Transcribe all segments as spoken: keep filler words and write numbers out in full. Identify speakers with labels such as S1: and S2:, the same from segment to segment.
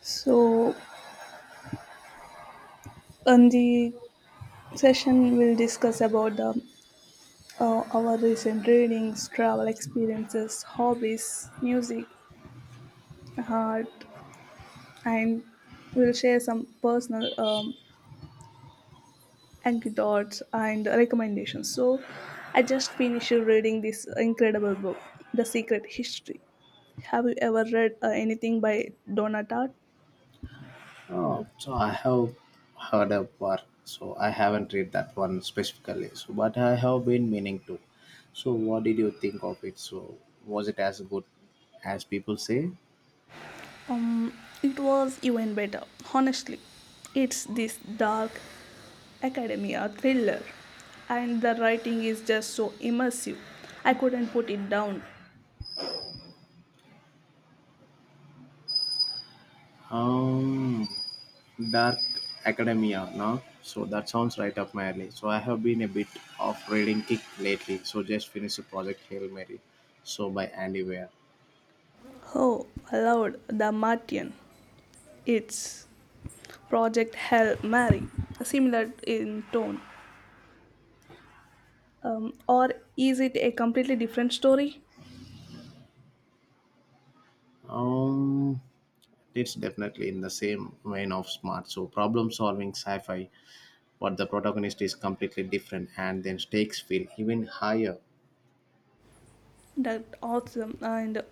S1: So, in the session, we'll discuss about the, uh, our recent readings, travel experiences, hobbies, music, art, and we'll share some personal um, anecdotes and recommendations. So, I just finished reading this incredible book, The Secret History. Have you ever read uh, anything by Donna Tartt?
S2: Oh, so I have heard of war. So I haven't read that one specifically. So, but I have been meaning to. So, what did you think of it? So, was it as good as people say?
S1: Um, it was even better, honestly. It's this dark academia thriller, and the writing is just so immersive. I couldn't put it down.
S2: Um, Dark Academia, no? So that sounds right up my alley. So I have been a bit of reading kick lately. So just finished the project Hail Mary. So by Andy Weir.
S1: Oh, Lord, the Martian. It's Project Hell Mary, similar in tone. Um, or is it a completely different story?
S2: Um, it's definitely in the same vein of smart. So problem solving sci-fi, but the protagonist is completely different and then stakes feel even higher.
S1: That awesome and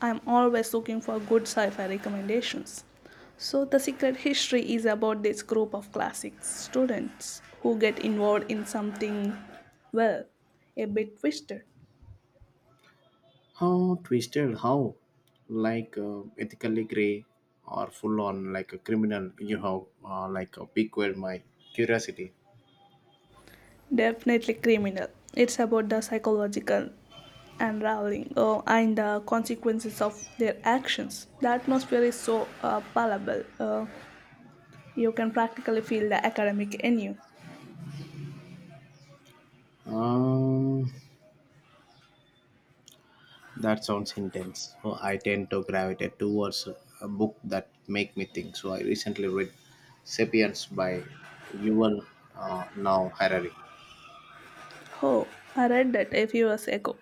S1: I'm always looking for good sci fi recommendations. So, The Secret History is about this group of classic students who get involved in something, well, a bit twisted.
S2: How twisted, how like uh, ethically gray or full on like a criminal, you have uh, like a piqued my curiosity.
S1: Definitely criminal. It's about the psychological unraveling uh, and the consequences of their actions. The atmosphere is so uh, palpable, uh, you can practically feel the academic in you.
S2: Um, that sounds intense. So I tend to gravitate towards a book that make me think. So I recently read *Sapiens* by Yuval uh, Now Harari.
S1: Oh, I read that a few years ago.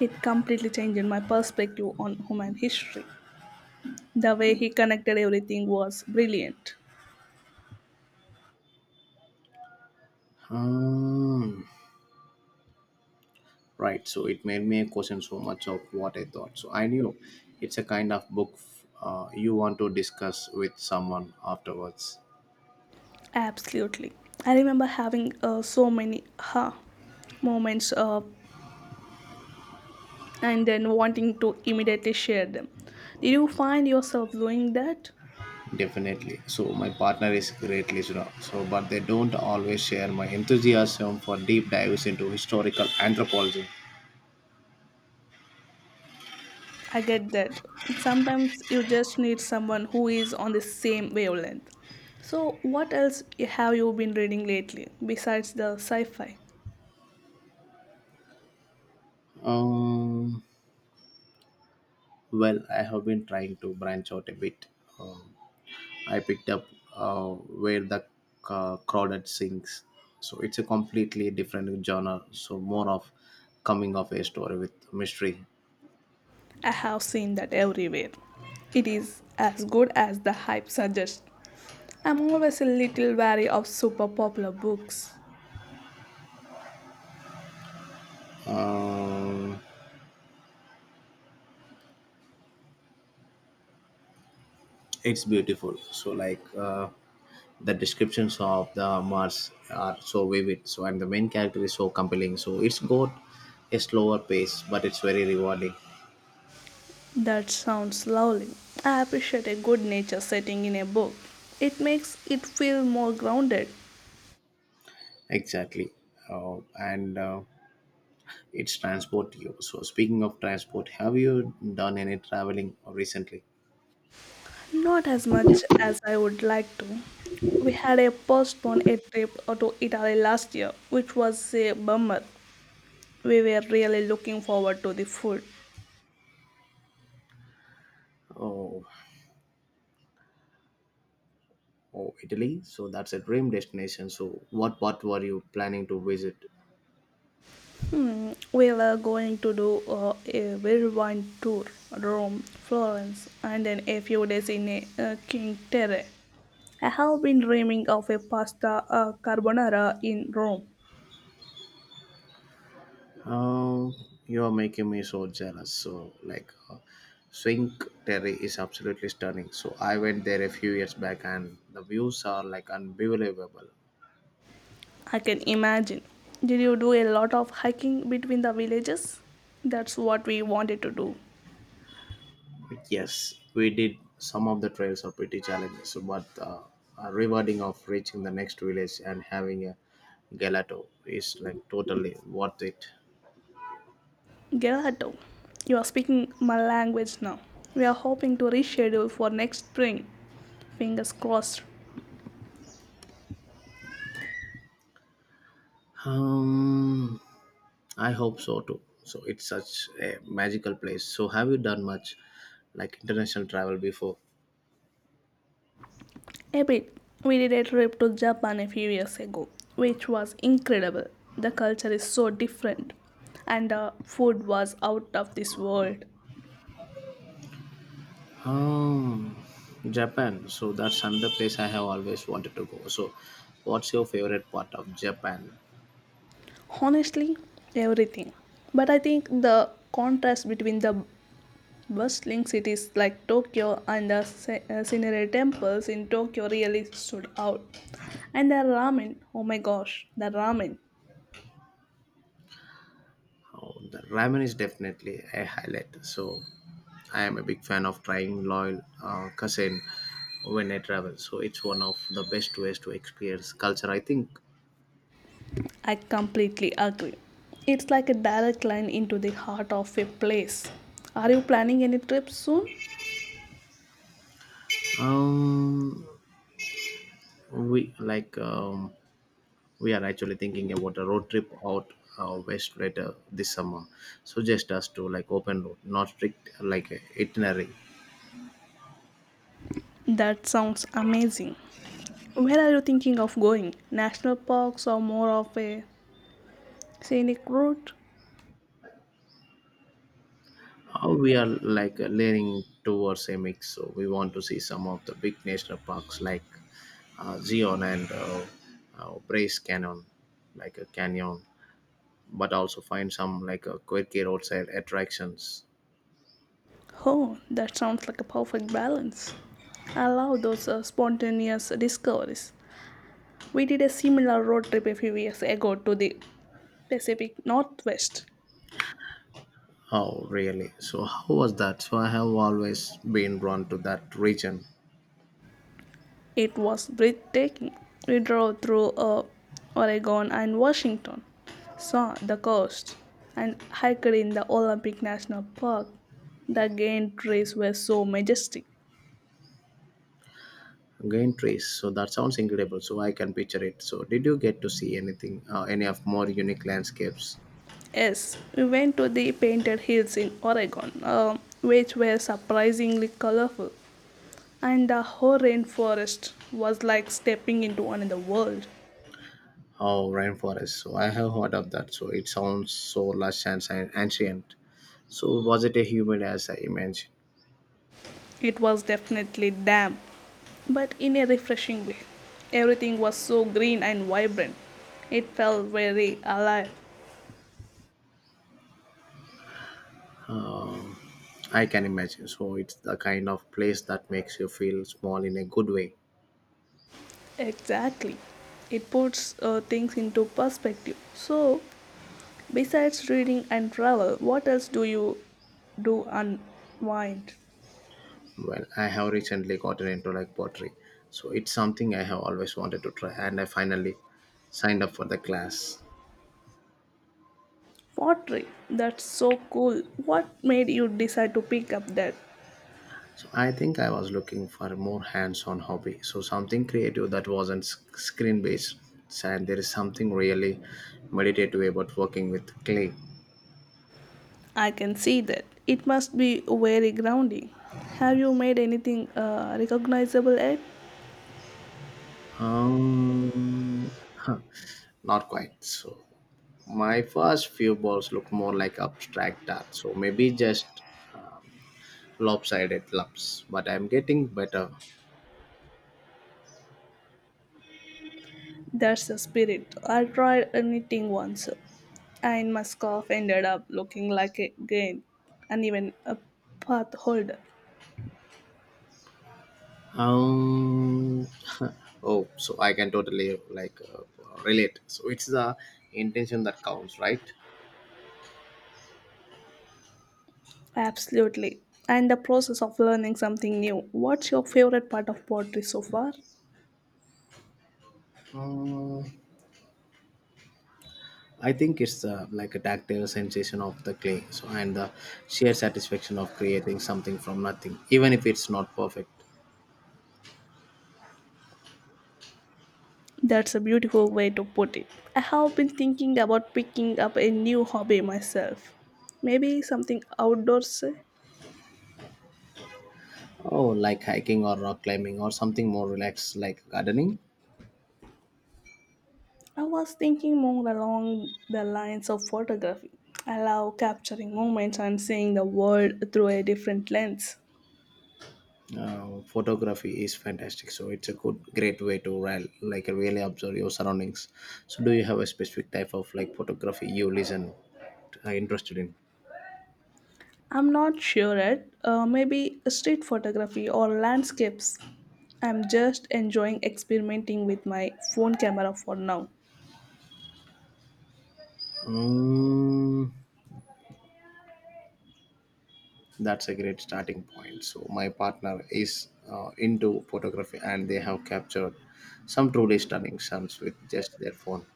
S1: It completely changed my perspective on human history. The way he connected everything was brilliant.
S2: Um, Right. So it made me question so much of what I thought. So I knew it's a kind of book uh, you want to discuss with someone afterwards.
S1: Absolutely. I remember having uh, so many ha moments uh, and then wanting to immediately share them. Did you find yourself doing that?
S2: Definitely. So my partner is great listener. So, but they don't always share my enthusiasm for deep dives into historical anthropology.
S1: I get that. Sometimes you just need someone who is on the same wavelength. So, what else have you been reading lately besides the sci fi?
S2: Um, well, I have been trying to branch out a bit. Um, I picked up uh, Where the uh, Crawdad Sings. So it's a completely different genre. So more of coming of a story with mystery.
S1: I have seen that everywhere. It is as good as the hype suggests. I'm always a little wary of super popular books.
S2: Um, it's beautiful. So like uh, the descriptions of the Mars are so vivid. So and the main character is so compelling. So it's got a slower pace, but it's very rewarding.
S1: That sounds lovely. I appreciate a good nature setting in a book. It makes it feel more grounded.
S2: Exactly. Uh, and uh, it's transport you. So speaking of transport, have you done any traveling recently?
S1: Not as much as I would like to. We had a postponed a trip to Italy last year, which was a bummer. We were really looking forward to the food.
S2: Oh, oh, Italy. So that's a dream destination. So what part were you planning to visit?
S1: Mm, we were going to do uh, a whirlwind tour, Rome, Florence, and then a few days in a, uh, King Terre. I have been dreaming of a pasta uh, carbonara in Rome.
S2: Oh, you're making me so jealous. So like, uh, Cinque Terre is absolutely stunning. So I went there a few years back, and the views are like unbelievable.
S1: I can imagine. Did you do a lot of hiking between the villages? That's what we wanted to do.
S2: Yes, we did. Some of the trails are pretty challenging, so, but uh, a rewarding of reaching the next village and having a gelato is like totally worth it.
S1: Gerardo, you are speaking my language now. We are hoping to reschedule for next spring. Fingers crossed.
S2: Um, I hope so too. So it's such a magical place. So have you done much like international travel before?
S1: A bit. We did a trip to Japan a few years ago, which was incredible. The culture is so different, and the food was out of this world.
S2: Um, Japan. So that's another place I have always wanted to go. So what's your favorite part of Japan?
S1: Honestly, everything. But I think the contrast between the bustling cities like Tokyo and the se- uh, scenery temples in Tokyo really stood out. And the ramen, oh my gosh, the ramen.
S2: Oh, the ramen is definitely a highlight. So I am a big fan of trying loyal uh, cuisine when I travel. So it's one of the best ways to experience culture, I think.
S1: I completely agree. It's like a direct line into the heart of a place. Are you planning any trip soon?
S2: Um, we like um, we are actually thinking about a road trip out uh, west later this summer, suggest us to like open road, not strict like uh, itinerary.
S1: That sounds amazing. Where are you thinking of going? National parks or more of a scenic route?
S2: Uh, we are like uh, leaning towards a mix, so we want to see some of the big national parks like uh, Zion and uh, uh, Brace Canyon, like a canyon, but also find some like a quirky roadside attractions.
S1: Oh, that sounds like a perfect balance. I love those uh, spontaneous discoveries. We did a similar road trip a few years ago to the Pacific Northwest.
S2: Oh really? So how was that? So I have always been drawn to that region.
S1: It was breathtaking. We drove through uh, Oregon and Washington, saw the coast, and hiked in the Olympic National Park. The giant trees were so majestic.
S2: Green trees. So that sounds incredible. So I can picture it. So did you get to see anything, uh, any of more unique landscapes?
S1: Yes, we went to the Painted Hills in Oregon, um, which were surprisingly colorful, and the whole rainforest was like stepping into another world.
S2: Oh, rainforest. So I have heard of that. So it sounds so lush and si- ancient. So was it a humid as I imagine?
S1: It was definitely damp, but in a refreshing way. Everything was so green and vibrant. It felt very alive.
S2: I can imagine. So it's the kind of place that makes you feel small in a good way.
S1: Exactly. It puts uh, things into perspective. So, besides reading and travel, what else do you do unwind?
S2: Well, I have recently gotten into like pottery. So it's something I have always wanted to try and I finally signed up for the class.
S1: Pottery. That's so cool. What made you decide to pick up that?
S2: So I think I was looking for a more hands-on hobby, so something creative that wasn't sc- screen-based. And there is something really meditative about working with clay.
S1: I can see that. It must be very grounding. Have you made anything uh, recognizable yet?
S2: Um, huh, Not quite. So my first few balls look more like abstract art, so maybe just lopsided lumps. But I'm getting better.
S1: That's the spirit. I tried knitting once, and my scarf ended up looking like a grain and even a path holder.
S2: Um, oh, so I can totally like uh, relate. So it's the intention that counts, right?
S1: Absolutely. And the process of learning something new. What's your favorite part of pottery so far?
S2: Uh, I think it's uh, like a tactile sensation of the clay, so and the sheer satisfaction of creating something from nothing, even if it's not perfect.
S1: That's a beautiful way to put it. I have been thinking about picking up a new hobby myself. Maybe something outdoors, eh?
S2: Oh, like hiking or rock climbing or something more relaxed, like gardening.
S1: I was thinking more along the lines of photography. I love capturing moments and seeing the world through a different lens.
S2: Uh, photography is fantastic, so it's a good, great way to real, like really observe your surroundings. So, do you have a specific type of like photography you listen, uh, interested in?
S1: I'm not sure yet. Uh, maybe street photography or landscapes. I'm just enjoying experimenting with my phone camera for now.
S2: Mm, that's a great starting point. So my partner is uh, into photography, and they have captured some truly stunning suns with just their phone.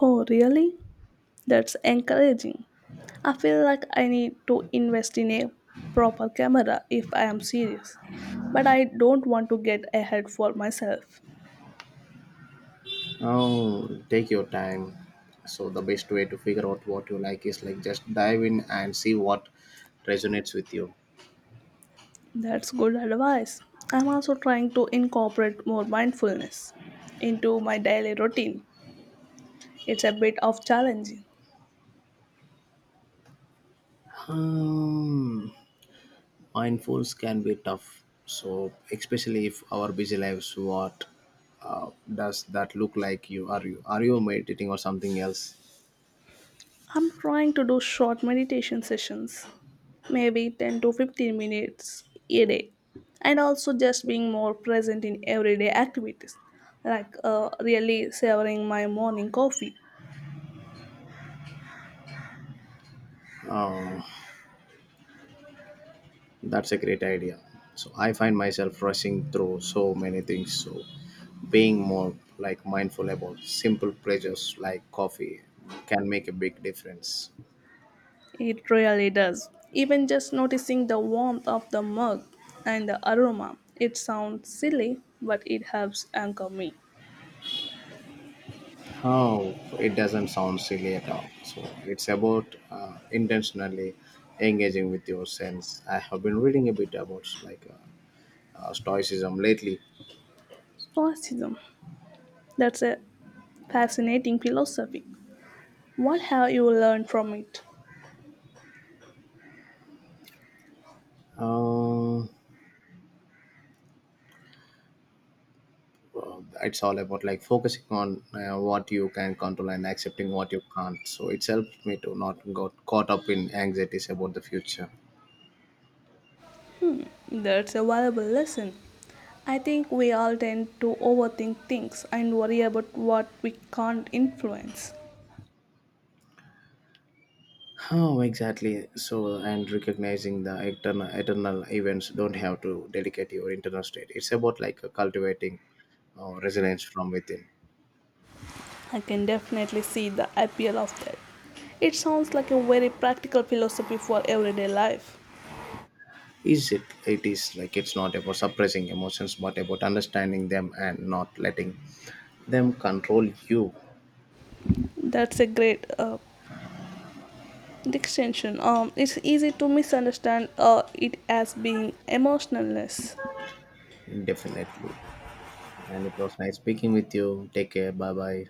S1: Oh, really? That's encouraging. I feel like I need to invest in a proper camera if I am serious, but I don't want to get ahead for myself.
S2: Oh, take your time. So the best way to figure out what you like is like just dive in and see what resonates with you.
S1: That's good advice. I'm also trying to incorporate more mindfulness into my daily routine. It's a bit of challenging.
S2: Um, Mindfuls can be tough. So especially if our busy lives, what uh, does that look like? You are you are you meditating or something else?
S1: I'm trying to do short meditation sessions, maybe ten to fifteen minutes a day, and also just being more present in everyday activities, like uh, really savoring my morning coffee.
S2: That's a great idea. So I find myself rushing through so many things. So being more like mindful about simple pleasures like coffee can make a big difference.
S1: It really does. Even just noticing the warmth of the mug and the aroma. It sounds silly, but it helps anchor me.
S2: Oh, it doesn't sound silly at all. So it's about uh, intentionally engaging with your sense. I have been reading a bit about like uh, uh, stoicism lately.
S1: Stoicism. That's a fascinating philosophy. What have you learned from it?
S2: Uh, uh, it's all about like focusing on uh, what you can control and accepting what you can't, so it's helped me to not got caught up in anxieties about the future.
S1: That's a valuable lesson. I think we all tend to overthink things and worry about what we can't influence.
S2: Oh exactly. So and recognizing the eternal eternal events don't have to dedicate your internal state. It's about like uh, cultivating uh, resilience from within.
S1: I can definitely see the appeal of that. It sounds like a very practical philosophy for everyday life.
S2: Is it It is like it's not about suppressing emotions but about understanding them and not letting them control you.
S1: That's a great uh, distinction. Um, it's easy to misunderstand uh, it as being emotionless.
S2: Definitely. And it was nice speaking with you. Take care. Bye bye.